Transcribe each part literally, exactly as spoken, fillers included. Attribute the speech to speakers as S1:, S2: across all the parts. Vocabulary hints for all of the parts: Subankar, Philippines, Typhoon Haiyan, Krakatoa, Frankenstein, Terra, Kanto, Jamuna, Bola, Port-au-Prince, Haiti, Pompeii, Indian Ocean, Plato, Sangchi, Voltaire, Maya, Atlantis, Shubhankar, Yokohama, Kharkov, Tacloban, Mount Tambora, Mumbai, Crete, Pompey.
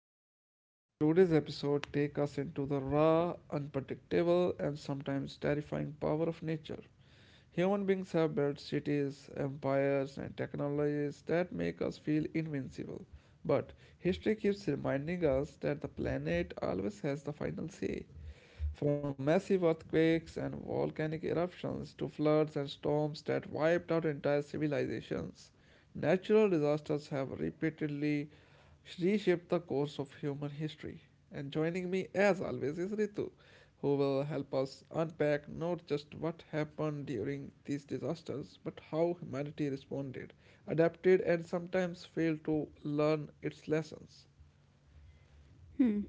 S1: podcast, everyone. Today's episode take us into the raw, unpredictable, and sometimes terrifying power of nature. Human beings have built cities, empires, and technologies that make us feel invincible. But history keeps reminding us that the planet always has the final say. From massive earthquakes and volcanic eruptions to floods and storms that wiped out entire civilizations, natural disasters have repeatedly reshaped the course of human history. And joining me, as always, is Ritu, who will help us unpack not just what happened during these disasters, but how humanity responded, adapted, and sometimes failed to learn its lessons.
S2: Hmm.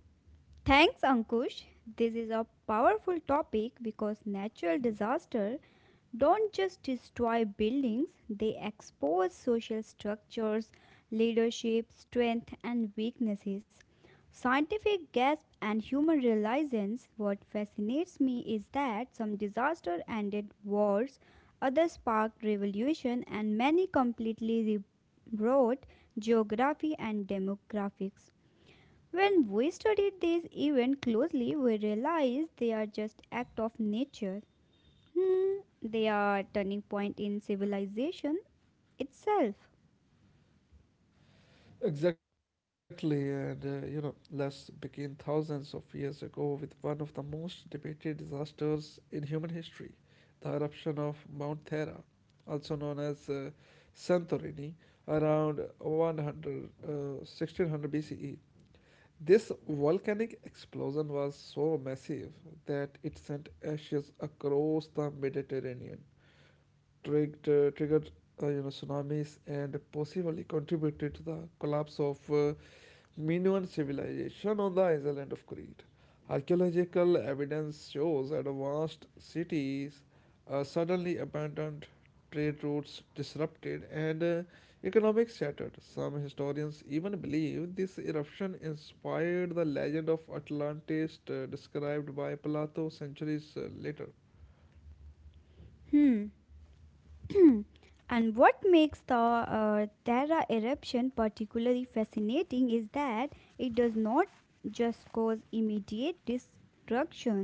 S2: Thanks, Ankush. This is a powerful topic because natural disaster don't just destroy buildings, they expose social structures, leadership, strength, and weaknesses. Scientific gasp and human realizations. What fascinates me is that some disaster ended wars, others sparked revolution, and many completely rewrote geography and demographics. When we studied these events closely, we realized they are just act of nature. Hmm, they are turning point in civilization itself.
S1: Exactly, and uh, you know, let's begin thousands of years ago with one of the most debated disasters in human history, the eruption of Mount Thera, also known as uh, Santorini, around one hundred, uh, sixteen hundred B C E. This volcanic explosion was so massive that it sent ashes across the Mediterranean, triggered, triggered uh, you know tsunamis, and possibly contributed to the collapse of uh, Minoan civilization on the island of Crete. Archaeological evidence shows advanced cities uh, suddenly abandoned, trade routes disrupted, and uh, economic shattered. Some historians even believe this eruption inspired the legend of Atlantis, uh, described by Plato centuries uh, later.
S2: Hmm. and what makes the uh, Terra eruption particularly fascinating is that it does not just cause immediate destruction.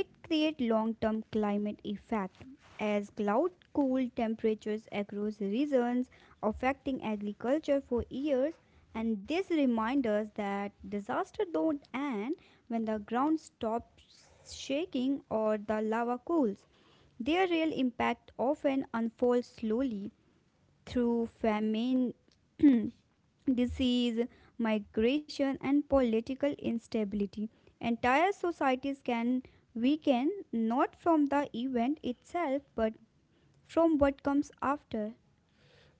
S2: It creates long-term climate effect as cloud cool temperatures across regions affecting agriculture for years, and this reminds us that disaster don't end when the ground stops shaking or the lava cools. Their real impact often unfolds slowly through famine, disease, migration, and political instability. Entire societies can weaken not from the event itself but from what comes after.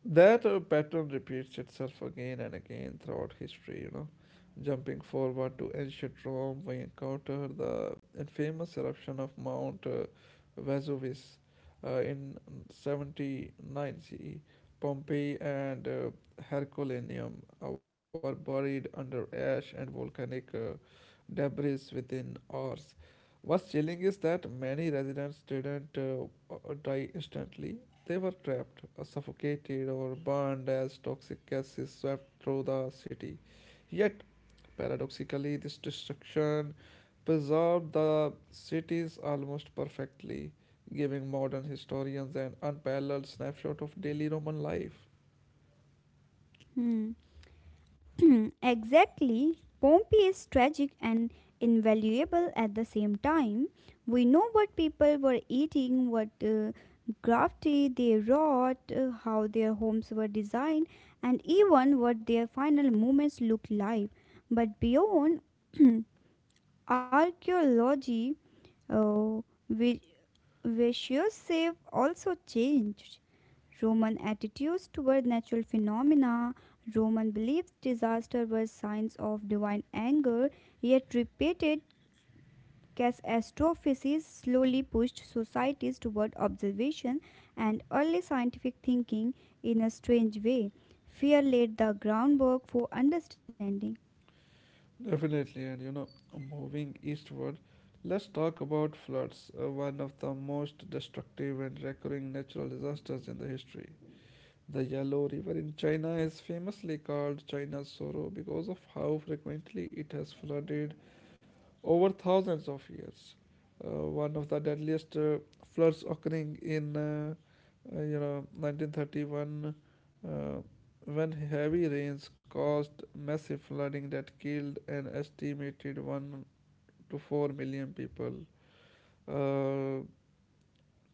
S1: That uh, pattern repeats itself again and again throughout history, you know. Jumping forward to ancient Rome, we encounter the infamous eruption of Mount uh, Vesuvius uh, in seventy-nine C E. Pompeii and uh, Herculaneum were buried under ash and volcanic uh, debris within hours. What's chilling is that many residents didn't uh, uh, die instantly. They were trapped, uh, suffocated, or burned as toxic gases swept through the city. Yet, paradoxically, this destruction preserved the cities almost perfectly, giving modern historians an unparalleled snapshot of daily Roman life.
S2: Hmm. exactly. Pompey is tragic and invaluable at the same time. We know what people were eating, what uh, crafty they wrought, uh, how their homes were designed, and even what their final moments looked like. But beyond archaeology, uh, vi- vicious shape also changed. Roman attitudes toward natural phenomena, Roman beliefs disaster were signs of divine anger, yet repeated catastrophes slowly pushed societies toward observation and early scientific thinking in a strange way. Fear laid the groundwork for understanding.
S1: Definitely, and you know, moving eastward, let's talk about floods, uh, one of the most destructive and recurring natural disasters in the history. The Yellow River in China is famously called China's sorrow because of how frequently it has flooded over thousands of years. Uh, one of the deadliest uh, floods occurring in uh, uh, you know nineteen thirty-one, uh, when heavy rains caused massive flooding that killed an estimated one to four million people. Uh,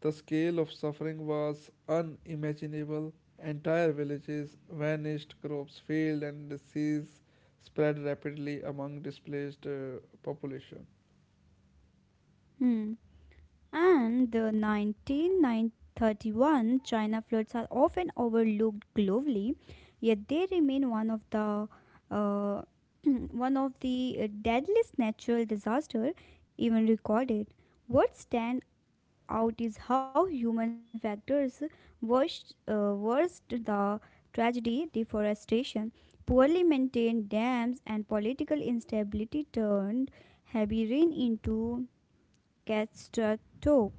S1: the scale of suffering was unimaginable. Entire villages vanished, crops failed, and disease spread rapidly among displaced uh, population.
S2: Hmm. And the nineteen thirty-one China floods are often overlooked globally, yet they remain one of the uh, one of the uh, deadliest natural disaster even recorded. What stand out is how human factors worst, uh, worst the tragedy, deforestation, poorly maintained dams, and political instability turned heavy rain into catastrophe.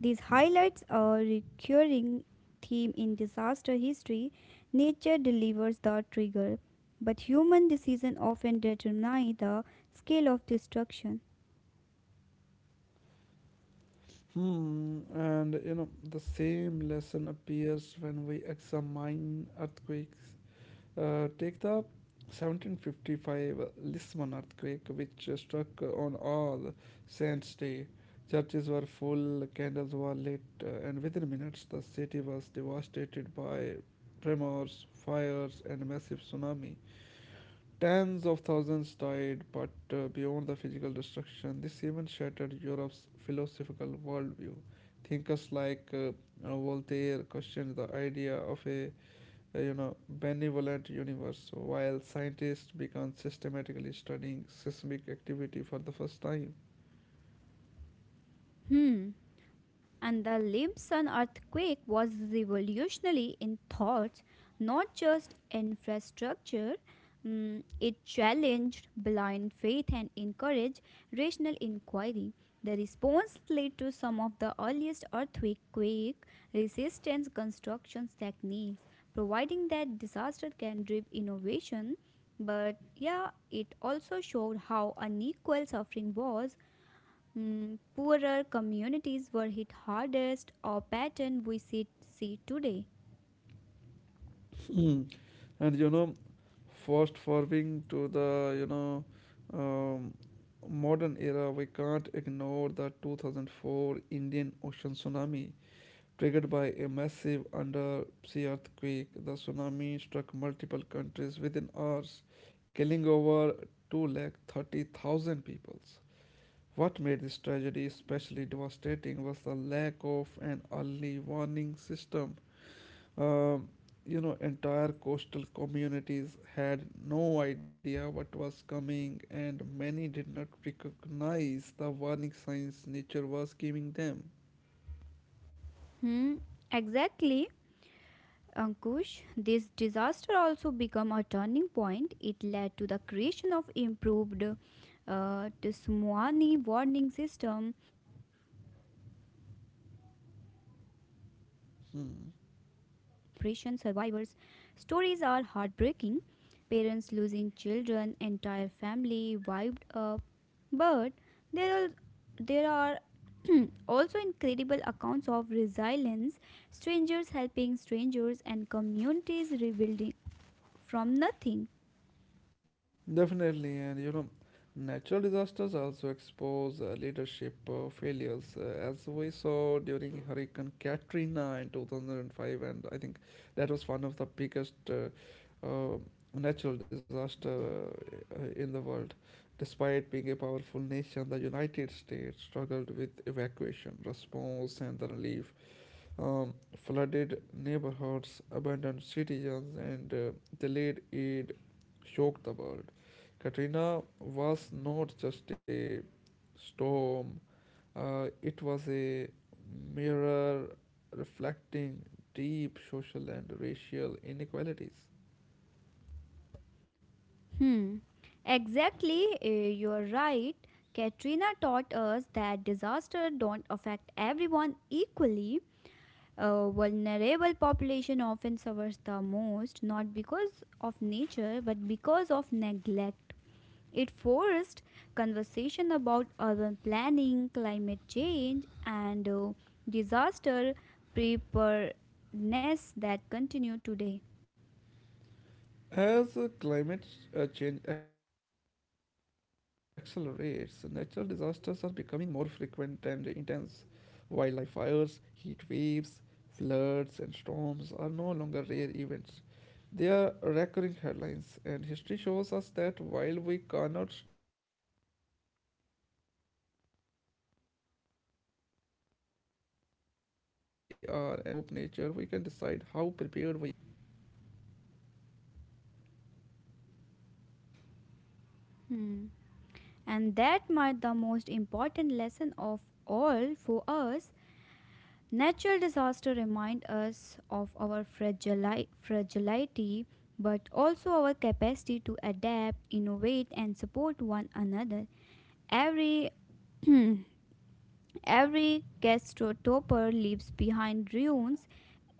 S2: These highlights a recurring theme in disaster history. Nature delivers the trigger, but human decisions often determine the scale of destruction.
S1: Hmm, and you know, the same lesson appears when we examine earthquakes. Uh, take the seventeen fifty-five Lisbon earthquake, which uh, struck on All Saints' Day. Churches were full, candles were lit, uh, and within minutes the city was devastated by tremors, fires, and massive tsunami. Tens of thousands died, but uh, beyond the physical destruction, this even shattered Europe's philosophical worldview. Thinkers like uh, uh, Voltaire questioned the idea of a, uh, you know benevolent universe, while scientists began systematically studying seismic activity for the first time.
S2: Hmm. And the Limsan earthquake was revolutionary in thoughts, not just infrastructure. Mm, it challenged blind faith and encouraged rational inquiry. The response led to some of the earliest earthquake resistance construction techniques, providing that disaster can drive innovation. But yeah, it also showed how unequal suffering was. Mm, poorer communities were hit hardest, a pattern we see, see today.
S1: Mm. And you know, fast forwarding to the you know um, modern era, we can't ignore the two thousand four Indian Ocean tsunami. Triggered by a massive undersea earthquake, the tsunami struck multiple countries within hours, killing over two lakh thirty thousand people. What made this tragedy especially devastating was the lack of an early warning system. Um, you know, Entire coastal communities had no idea what was coming, and many did not recognize the warning signs nature was giving them.
S2: Hmm, exactly. Ankush, this disaster also became a turning point. It led to the creation of improved uh, tsunami warning system across the Indian Ocean and strengthened international cooperation.
S1: Hmm.
S2: Survivors' stories are heartbreaking. Parents losing children, entire family wiped up. But there are, there are also incredible accounts of resilience, strangers helping strangers, and communities rebuilding from nothing.
S1: Definitely, and you know, natural disasters also expose uh, leadership uh, failures, uh, as we saw during Hurricane Katrina in two thousand five, and I think that was one of the biggest uh, uh, natural disaster uh, in the world. Despite being a powerful nation, the United States struggled with evacuation, response, and the relief. Um, flooded neighborhoods, abandoned citizens, and uh, delayed aid shocked the world. Katrina was not just a storm, uh, it was a mirror reflecting deep social and racial inequalities.
S2: Hmm. Exactly, uh, you're right. Katrina taught us that disaster don't affect everyone equally. A vulnerable population often suffers the most, not because of nature, but because of neglect. It forced conversation about urban planning, climate change, and uh, disaster preparedness that continue today.
S1: As uh, climate uh, change accelerates, natural disasters are becoming more frequent and intense. Wildlife fires, heat waves, floods, and storms are no longer rare events. They are recurring headlines, and history shows us that while we cannot stop nature, we can decide how prepared we are and how compassionately we respond.
S2: Hmm. And that might the most important lesson of all for us. Natural disaster remind us of our fragili- fragility, but also our capacity to adapt, innovate, and support one another. Every Every gastro leaves behind ruins,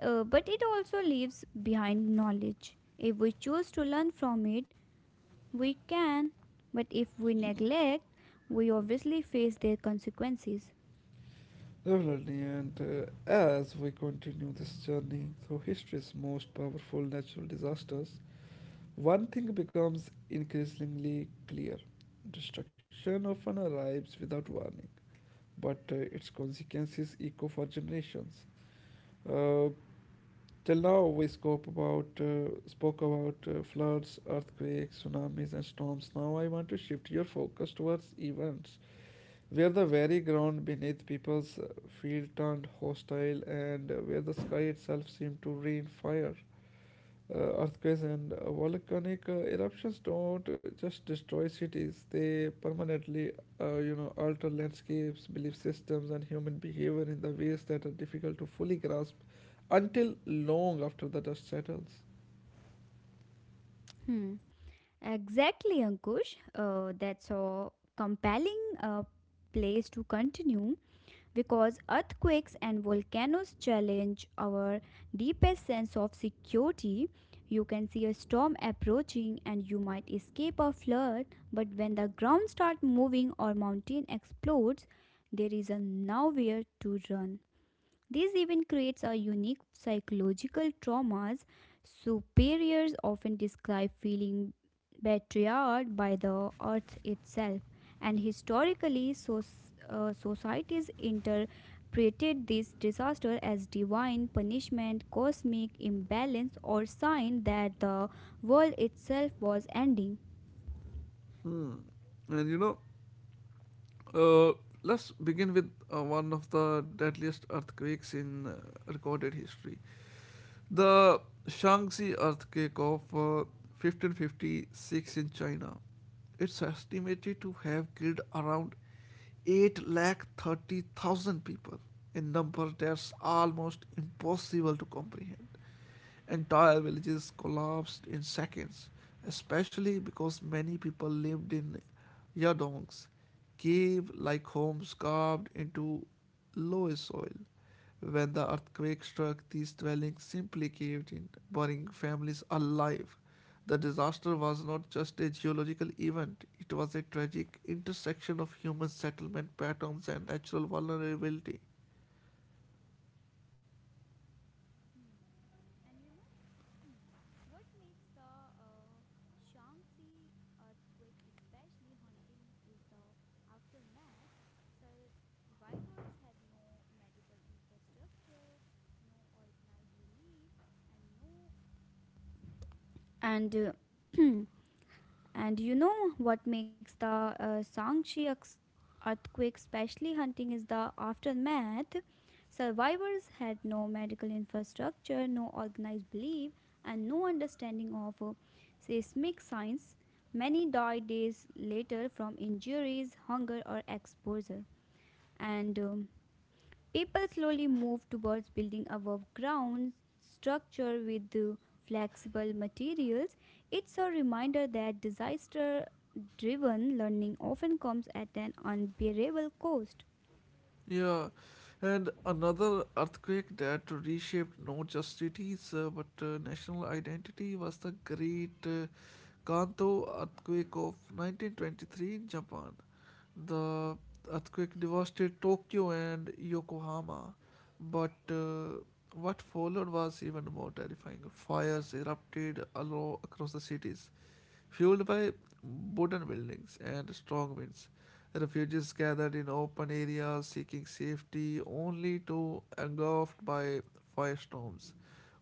S2: uh, but it also leaves behind knowledge. If we choose to learn from it, we can, but if we neglect, we obviously face their consequences.
S1: Definitely, and uh, as we continue this journey through history's most powerful natural disasters, one thing becomes increasingly clear: destruction often arrives without warning, but uh, its consequences echo for generations. Uh, Till now, we spoke about uh, spoke about uh, floods, earthquakes, tsunamis, and storms. Now, I want to shift your focus towards events where the very ground beneath people's uh, feet turned hostile, and uh, where the sky itself seemed to rain fire. Uh, earthquakes and uh, volcanic uh, eruptions don't just destroy cities, they permanently uh, you know alter landscapes, belief systems, and human behavior in the ways that are difficult to fully grasp until long after the dust settles.
S2: Hmm. Exactly, Ankush. Uh, that's a compelling uh, place to continue. Because earthquakes and volcanoes challenge our deepest sense of security. You can see a storm approaching and you might escape a flood, but when the ground starts moving or mountain explodes, there is nowhere to run. This even creates a unique psychological traumas. Superiors often describe feeling betrayed by the earth itself, and historically, so, uh, societies interpreted this disaster as divine punishment, cosmic imbalance, or sign that the world itself was ending.
S1: And you know, uh, let's begin with uh, one of the deadliest earthquakes in uh, recorded history. The Shaanxi earthquake of uh, fifteen fifty-six in China, it's estimated to have killed around eight lakh thirty thousand people, a number that's almost impossible to comprehend. Entire villages collapsed in seconds, especially because many people lived in yadongs, cave-like homes carved into loess soil. When the earthquake struck, these dwellings simply caved in, burning families alive. The disaster was not just a geological event, it was a tragic intersection of human settlement patterns and natural vulnerability.
S2: Hmm. And you know hmm, what makes the uh, Shaanxi earthquake especially haunting is the aftermath. Survivors had no medical infrastructure, no organized relief, and no, and uh, And you know what makes the uh, Sangchi ex- earthquake specially hunting is the aftermath. Survivors had no medical infrastructure, no organized belief, and no understanding of uh, seismic science. Many died days later from injuries, hunger, or exposure. And um, People slowly moved towards building above ground structure with the flexible materials. It's a reminder that disaster driven learning often comes at an unbearable cost.
S1: Yeah, and another earthquake that reshaped not just cities uh, but uh, national identity was the Great uh, Kanto earthquake of nineteen twenty-three in Japan. The earthquake devastated Tokyo and Yokohama, but uh, what followed was even more terrifying. Fires erupted all across the cities, fueled by wooden buildings and strong winds. Refugees gathered in open areas seeking safety only to engulfed by firestorms.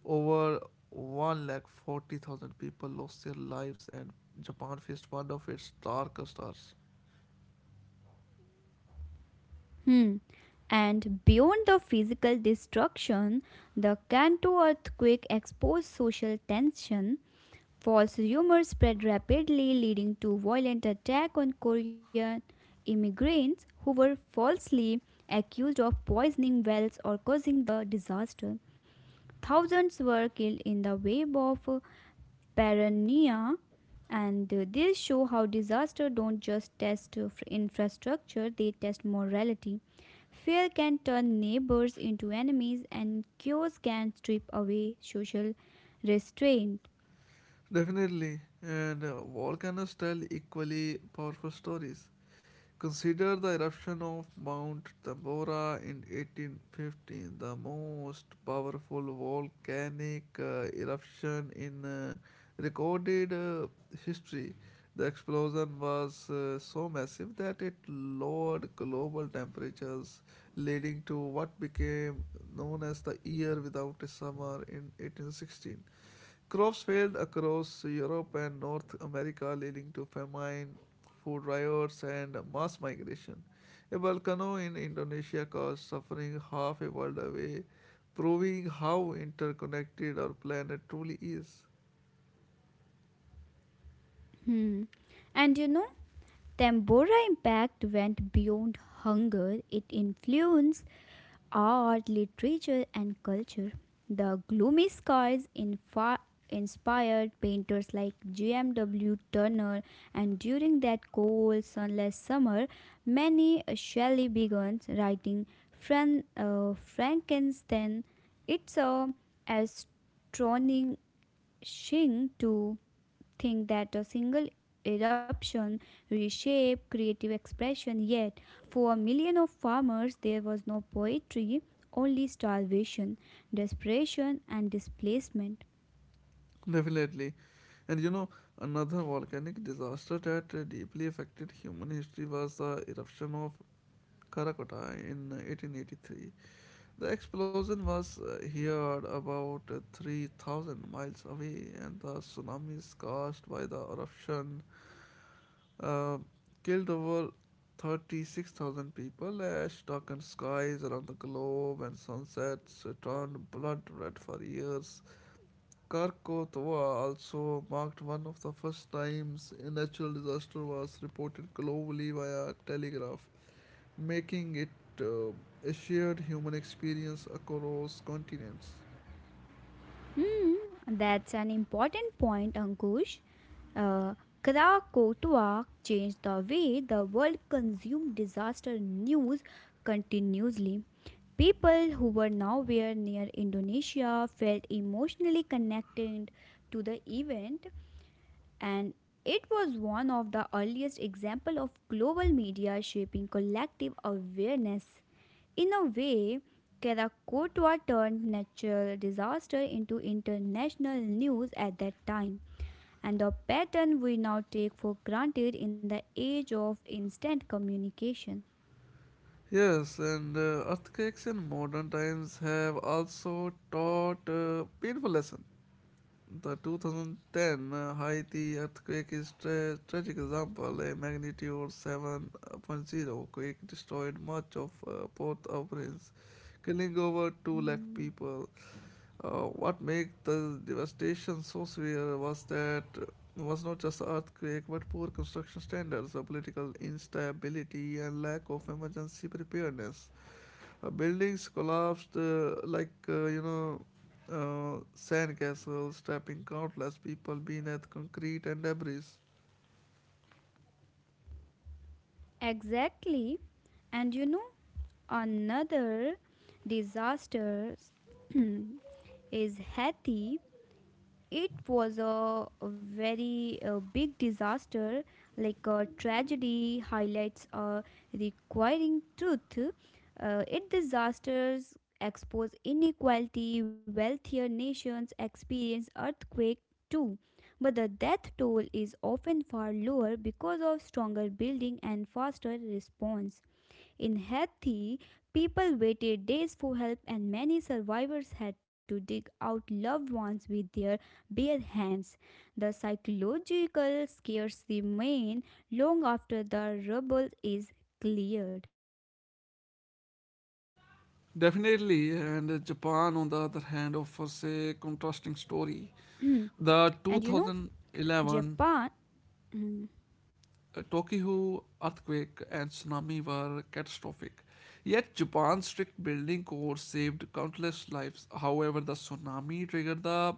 S1: Over one lakh forty thousand people lost their lives, and Japan faced one of its darkest hours.
S2: Hmm. And beyond the physical destruction, the Kanto earthquake exposed social tension. False rumors spread rapidly, leading to violent attack on Korean immigrants who were falsely accused of poisoning wells or causing the disaster. Thousands were killed in the wave of uh, paranoia, and uh, this show how disasters don't just test uh, infrastructure; they test morality. Fear can turn neighbors into enemies, and chaos can strip away social restraint.
S1: Definitely, and volcanoes tell equally powerful stories. Consider the eruption of Mount Tambora in eighteen fifteen, the most powerful volcanic uh, eruption in uh, recorded uh, history. The explosion was uh, so massive that it lowered global temperatures, leading to what became known as the Year Without a Summer in eighteen sixteen. Crops failed across Europe and North America, leading to famine, food riots, and mass migration. A volcano in Indonesia caused suffering half a world away, proving how interconnected our planet truly is.
S2: Hmm. And you know, Tambora impact went beyond hunger. It influenced art, literature, and culture. The gloomy skies infa- inspired painters like G M W. Turner, and during that cold, sunless summer, many Shelley began writing Fran- uh, Frankenstein. It's a astonishing to think that a single eruption reshaped creative expression, yet, for a million of farmers, there was no poetry, only starvation, desperation, and displacement.
S1: Definitely. And you know, another volcanic disaster that uh, deeply affected human history was the eruption of Krakatoa in eighteen eighty-three. The explosion was uh, heard about uh, three thousand miles away, and the tsunamis caused by the eruption uh, killed over thirty-six thousand people as darkened skies around the globe and sunsets turned blood red for years. Kharkov also marked one of the first times a natural disaster was reported globally via telegraph, making it uh, a shared human experience across continents.
S2: Hmm, that's an important point, Ankush. Uh, Krakatoa changed the way the world consumed disaster news continuously. People who were nowhere near Indonesia felt emotionally connected to the event, and it was one of the earliest example of global media shaping collective awareness. In a way, Karakotua turned natural disaster into international news at that time, and a pattern we now take for granted in the age of instant communication.
S1: Yes, and uh, earthquakes in modern times have also taught a painful lesson. The two thousand ten Haiti earthquake is a tra- tragic example. A magnitude 7.0 quake destroyed much of uh, Port-au-Prince, killing over two lakh
S2: Hmm.
S1: people. Uh, what made the devastation so severe was that uh, was not just earthquake but poor construction standards, uh, political instability, and lack of emergency preparedness. Uh, buildings collapsed uh, like, uh, you know, uh, sandcastles, trapping countless people beneath concrete and debris.
S2: Exactly. And you know, another disaster is Haiti. It was a very uh, big disaster, like a tragedy highlights a requiring truth. Uh, it disasters expose inequality, wealthier nations experience earthquake too. But the death toll is often far lower because of stronger building and faster response. In Hathi, people waited days for help, and many survivors had to dig out loved ones with their bare hands. The psychological scares remain long after the rubble is cleared.
S1: Definitely, and Japan, on the other hand, offers
S2: And you
S1: a
S2: know,
S1: contrasting story.
S2: Japan.
S1: The
S2: Mhm.
S1: two thousand eleven uh, Tokyo earthquake and tsunami were catastrophic. Yet Japan's strict building code saved countless lives. However, the tsunami triggered the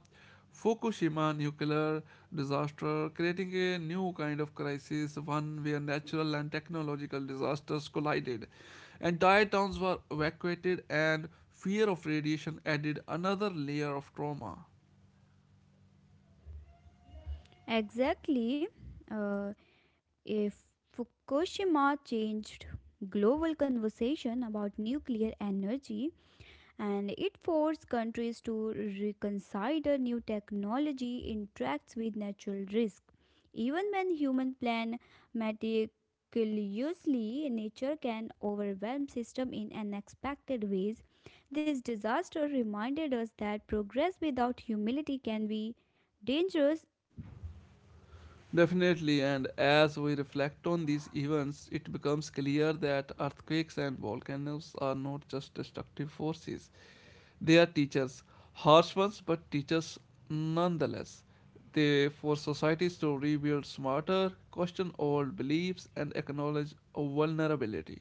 S1: Fukushima nuclear disaster, creating a new kind of crisis, one where natural and technological disasters collided. Entire towns were evacuated, and fear of radiation added another layer of trauma.
S2: Exactly. Uh, if Fukushima changed global conversation about nuclear energy, and it forced countries to reconsider new technology interacts with natural risk. Even when human plan meticulously, nature can overwhelm system in unexpected ways. This disaster reminded us that progress without humility can be dangerous.
S1: Definitely, and as we reflect on these events, it becomes clear that earthquakes and volcanoes are not just destructive forces, they are teachers, harsh ones, but teachers nonetheless. They force societies to rebuild smarter, question old beliefs, and acknowledge vulnerability.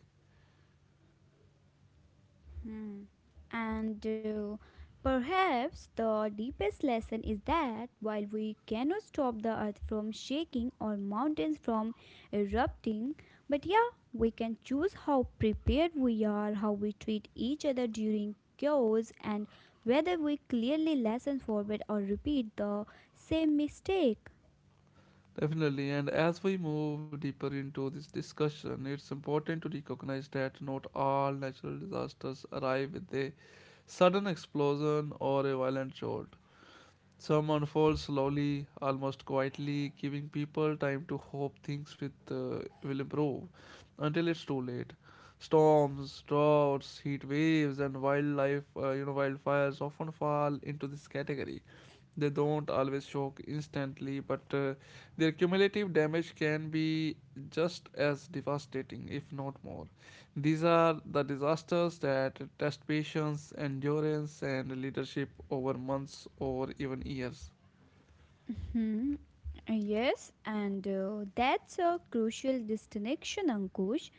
S2: Hmm. And uh, perhaps the deepest lesson is that while we cannot stop the earth from shaking or mountains from erupting, but yeah, we can choose how prepared we are, how we treat each other during chaos, and whether we clearly lesson forward or repeat the same mistake.
S1: Definitely, and as we move deeper into this discussion, it's important to recognize that not all natural disasters arrive with a sudden explosion or a violent jolt. Some unfold slowly, almost quietly, giving people time to hope things with, uh, will improve until it's too late. Storms, droughts, heat waves, and wildlife, uh, you know, wildfires often fall into this category. They don't always shock instantly, but uh, their cumulative damage can be just as devastating, if not more. These are the disasters that test patience, endurance, and leadership over months or even years.
S2: Hmm. Yes, and uh, that's a crucial distinction, Ankush.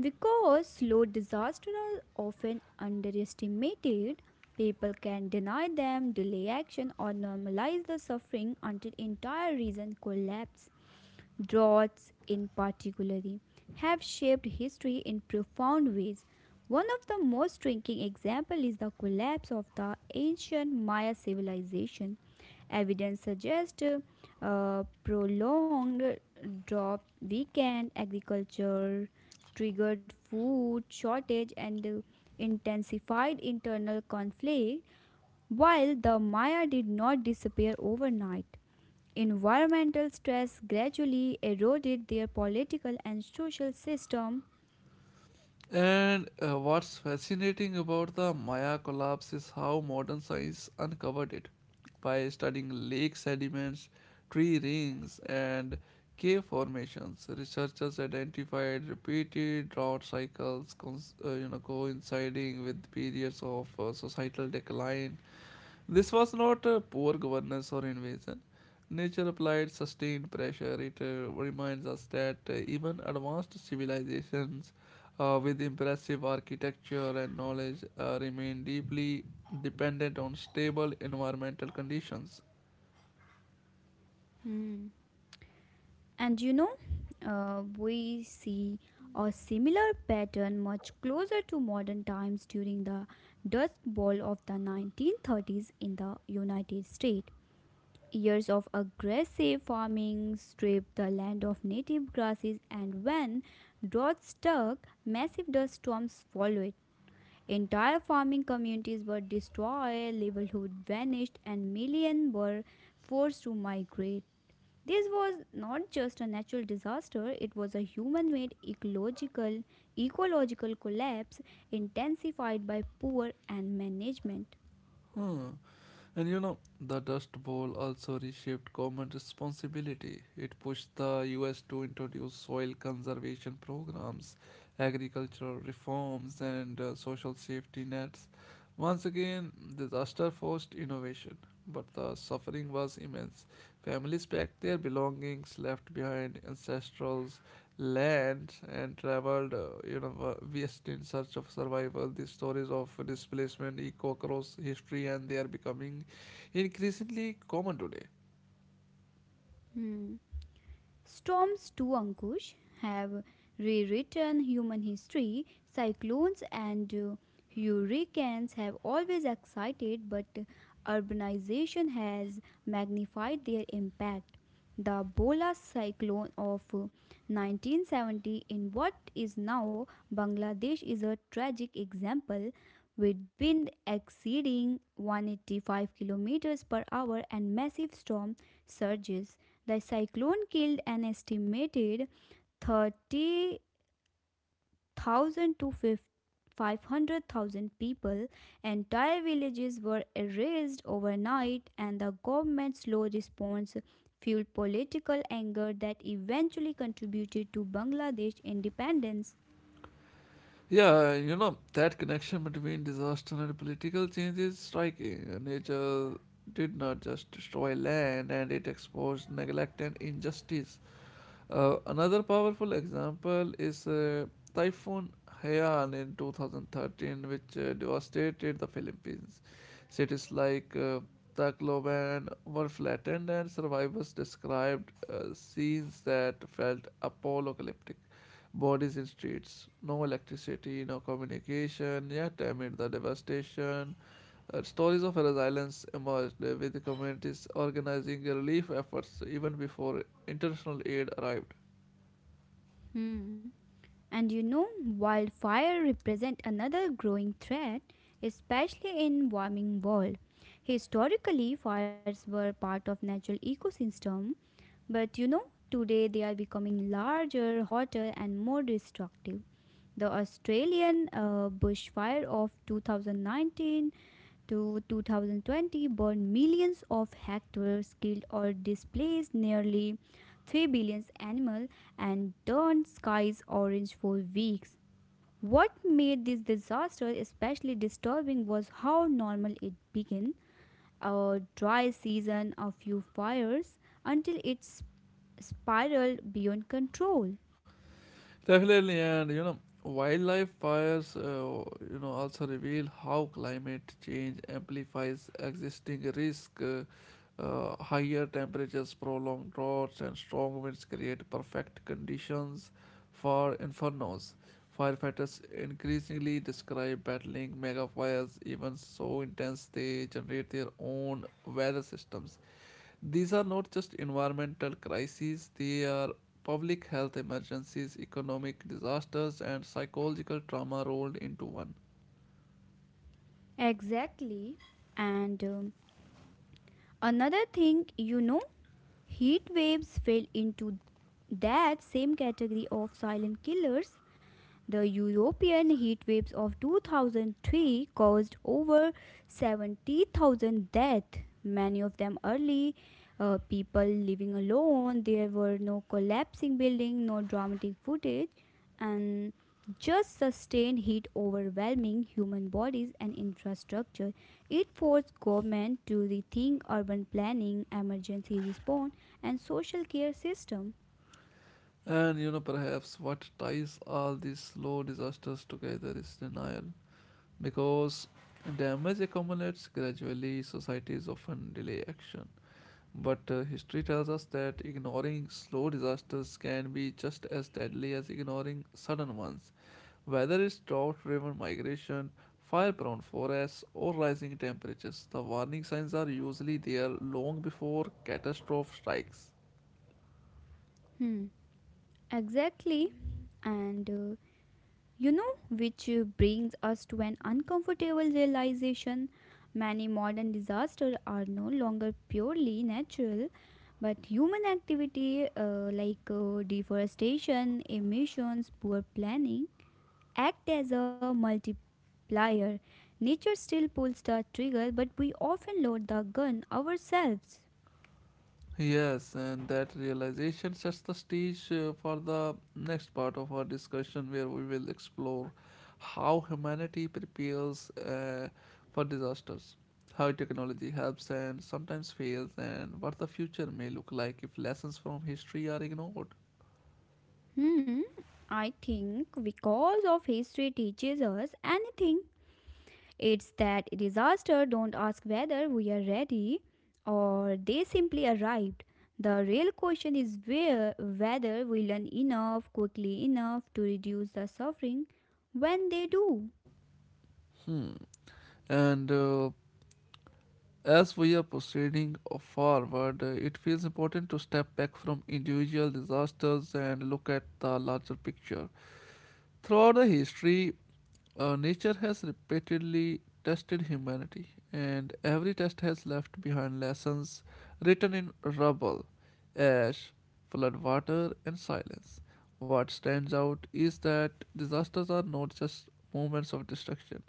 S2: Because slow disasters are often underestimated, people can deny them, delay action, or normalize the suffering until entire region collapse. Droughts, in particular, have shaped history in profound ways. One of the most striking examples is the collapse of the ancient Maya civilization. Evidence suggests uh, prolonged drought, weakened agriculture triggered food shortage and uh, intensified internal conflict while the Maya did not disappear overnight. Environmental stress gradually eroded their political and social system.
S1: And uh, what's fascinating about the Maya collapse is how modern science uncovered it by studying lake sediments, tree rings, and cave formations. Researchers identified repeated drought cycles, cons- uh, you know, coinciding with periods of uh, societal decline. This was not uh, poor governance or invasion. Nature applied sustained pressure. It uh, reminds us that uh, even advanced civilizations uh, with impressive architecture and knowledge uh, remain deeply dependent on stable environmental conditions.
S2: Hmm. And you know, uh, we see a similar pattern much closer to modern times during the Dust Bowl of the nineteen thirties in the United States. Years of aggressive farming stripped the land of native grasses, and when droughts struck, massive dust storms followed. Entire farming communities were destroyed, livelihood vanished, and millions were forced to migrate. This was not just a natural disaster, it was a human made ecological ecological collapse intensified by poor and management.
S1: Hmm. And you know, the Dust Bowl also reshaped government responsibility. It pushed the U S to introduce soil conservation programs, agricultural reforms, and uh, social safety nets. Once again, disaster forced innovation, but the suffering was immense. Families packed their belongings, left behind ancestrals' land, and traveled, uh, you know, uh, west in search of survival. The stories of displacement echo across history, and they are becoming increasingly common today.
S2: Hmm. Storms too, Ankush, have rewritten human history. Cyclones and uh, hurricanes have always excited, but urbanization has magnified their impact. The Bola cyclone of uh, nineteen seventy in what is now Bangladesh is a tragic example with wind exceeding one hundred eighty-five kilometers per hour and massive storm surges. The cyclone killed an estimated thirty thousand to fifty five hundred thousand people, entire villages were erased overnight, and the government's slow response fueled political anger that eventually contributed to Bangladesh independence.
S1: Yeah, you know, that connection between disaster and political change is striking. Nature did not just destroy land and it exposed neglect and injustice. Uh, another powerful example is uh, Typhoon Haiyan in twenty thirteen, which uh, devastated the Philippines. Cities like uh, Tacloban were flattened, and survivors described uh, scenes that felt apocalyptic. Bodies in streets, no electricity, no communication, yet amid the devastation, uh, stories of resilience emerged uh, with the communities organizing relief efforts even before international aid arrived.
S2: Hmm. And you know, wildfire represent another growing threat, especially in warming world. Historically, fires were part of natural ecosystem. But you know, today they are becoming larger, hotter, and more destructive. The Australian uh, bushfire of two thousand nineteen to two thousand twenty burned millions of hectares, killed or displaced nearly three billion animals, and turned skies orange for weeks. What made this disaster especially disturbing was how normal it began, a dry season, a few fires, until it's spiraled beyond control.
S1: Definitely, and you know, wildlife fires, uh, you know, also reveal how climate change amplifies existing risk. Uh, uh, higher temperatures, prolonged droughts, and strong winds create perfect conditions for infernos. Firefighters increasingly describe battling megafires even so intense they generate their own weather systems. These are not just environmental crises, they are public health emergencies, economic disasters, and psychological trauma rolled into one.
S2: Exactly. And um, another thing, you know, heat waves fell into that same category of silent killers. The European heat waves of twenty oh three caused over seventy thousand deaths, many of them early. uh, people living alone, there were no collapsing buildings, no dramatic footage, and just sustained heat overwhelming human bodies and infrastructure. It forced government to rethink urban planning, emergency response, and social care system.
S1: And you know, perhaps what ties all these slow disasters together is denial. Because damage accumulates gradually, societies often delay action. But uh, history tells us that ignoring slow disasters can be just as deadly as ignoring sudden ones. Whether it's drought driven migration, fire prone forests, or rising temperatures, the warning signs are usually there long before catastrophe strikes.
S2: Hmm. Exactly. And uh, you know, which uh, brings us to an uncomfortable realization. Many modern disasters are no longer purely natural, but human activity uh, like uh, deforestation, emissions, poor planning act as a multiplier. Nature still pulls the trigger, but we often load the gun ourselves.
S1: Yes, and that realization sets the stage uh, for the next part of our discussion, where we will explore how humanity prepares uh, for disasters, how technology helps and sometimes fails, and what the future may look like if lessons from history are ignored.
S2: Hmm, I think because of history teaches us anything, it's that disaster don't ask whether we are ready or they simply arrived. The real question is where whether we learn enough quickly enough to reduce the suffering when they do.
S1: Hmm. And uh, as we are proceeding forward, uh, it feels important to step back from individual disasters and look at the larger picture. Throughout the history, Uh, nature has repeatedly tested humanity, and every test has left behind lessons written in rubble, ash, flood water, and silence. What stands out is that disasters are not just moments of destruction,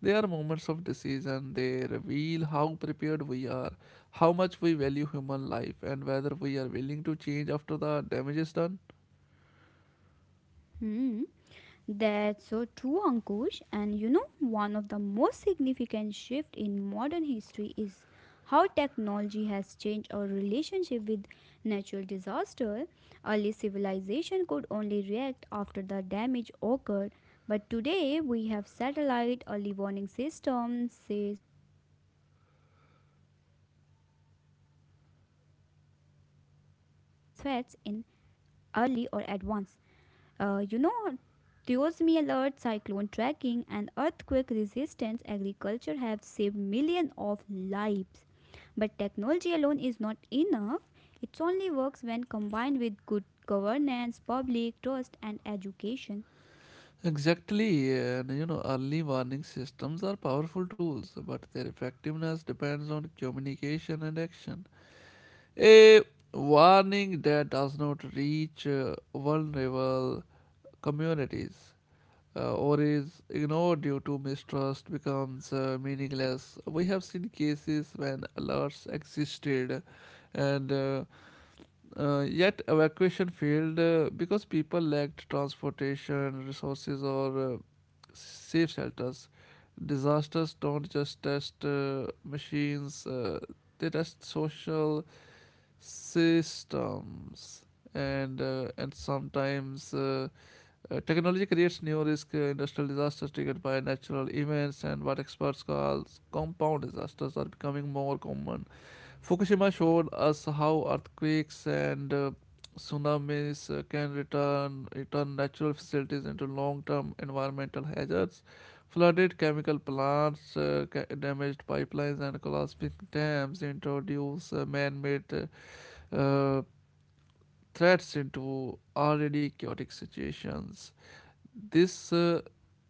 S1: they are moments of decision. They reveal how prepared we are, how much we value human life, and whether we are willing to change after the damage is done.
S2: Hmm. That's so true, Ankush. And you know, one of the most significant shifts in modern history is how technology has changed our relationship with natural disaster. Early civilization could only react after the damage occurred, but today we have satellite, early warning systems, says threats in early or advance. Uh, you know, Diosme alert, cyclone tracking, and earthquake resistance agriculture have saved millions of lives. But technology alone is not enough. It only works when combined with good governance, public trust, and education.
S1: Exactly, and you know, early warning systems are powerful tools, but their effectiveness depends on communication and action. A warning that does not reach uh, vulnerable communities uh, or is ignored due to mistrust becomes uh, meaningless. We have seen cases when alerts existed and uh, uh, yet evacuation failed uh, because people lacked transportation, resources, or uh, safe shelters. Disasters don't just test uh, machines, uh, they test social systems. And uh, and sometimes uh, uh, technology creates new risk. Uh, industrial disasters triggered by natural events and what experts call compound disasters are becoming more common. Fukushima showed us how earthquakes and uh, tsunamis uh, can return, return natural facilities into long term environmental hazards. Flooded chemical plants, uh, ca- damaged pipelines, and collapsing dams introduce uh, man made uh, uh, threats into already chaotic situations. This uh,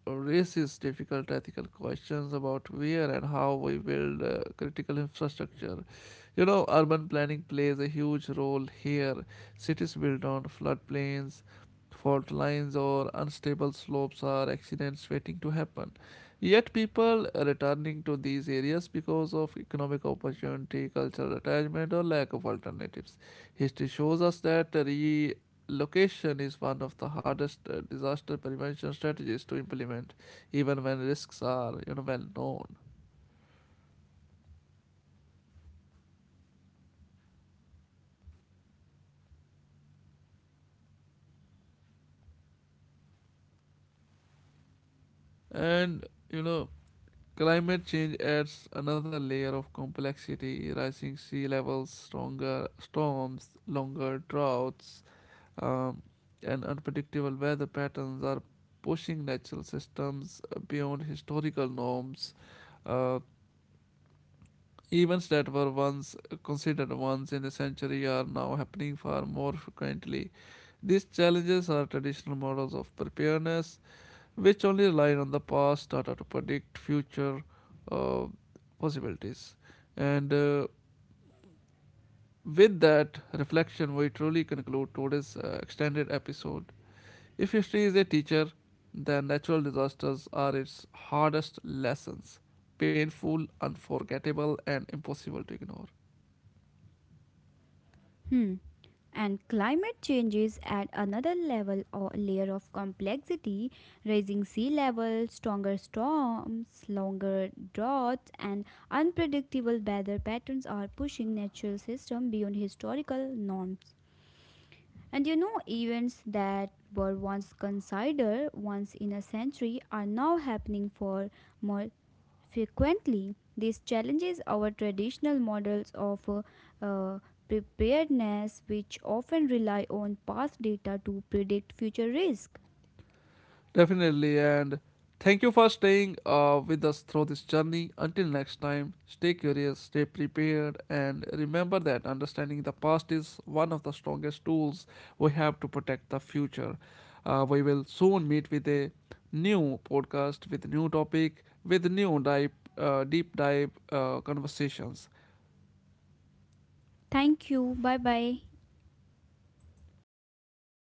S1: raises difficult ethical questions about where and how we build uh, critical infrastructure. You know, urban planning plays a huge role here. Cities built on floodplains, fault lines, or unstable slopes are accidents waiting to happen. Yet, people are returning to these areas because of economic opportunity, cultural attachment, or lack of alternatives. History shows us that re Location is one of the hardest uh, disaster prevention strategies to implement, even when risks are, you know, well known. And you know, climate change adds another layer of complexity: rising sea levels, stronger storms, longer droughts, um, and unpredictable weather patterns are pushing natural systems uh, beyond historical norms. Uh, Events that were once considered once in a century are now happening far more frequently. These challenges are traditional models of preparedness, which only rely on the past data to predict future uh, possibilities. And uh, with that reflection, we truly conclude today's uh, extended episode. If history is a teacher, then natural disasters are its hardest lessons painful, unforgettable, and impossible to ignore.
S2: Hmm. And climate changes add another level or layer of complexity, raising sea levels, stronger storms, longer droughts, and unpredictable weather patterns are pushing natural systems beyond historical norms. And you know, events that were once considered once in a century are now happening for more frequently, this challenges our traditional models of uh, uh, preparedness, which often rely on past data to predict future risk.
S1: Definitely. And thank you for staying uh, with us through this journey. Until next time, stay curious, stay prepared, and remember that understanding the past is one of the strongest tools we have to protect the future. Uh, we will soon meet with a new podcast, with new topic, with new dive, uh, deep dive uh, conversations.
S2: Thank you. Bye bye.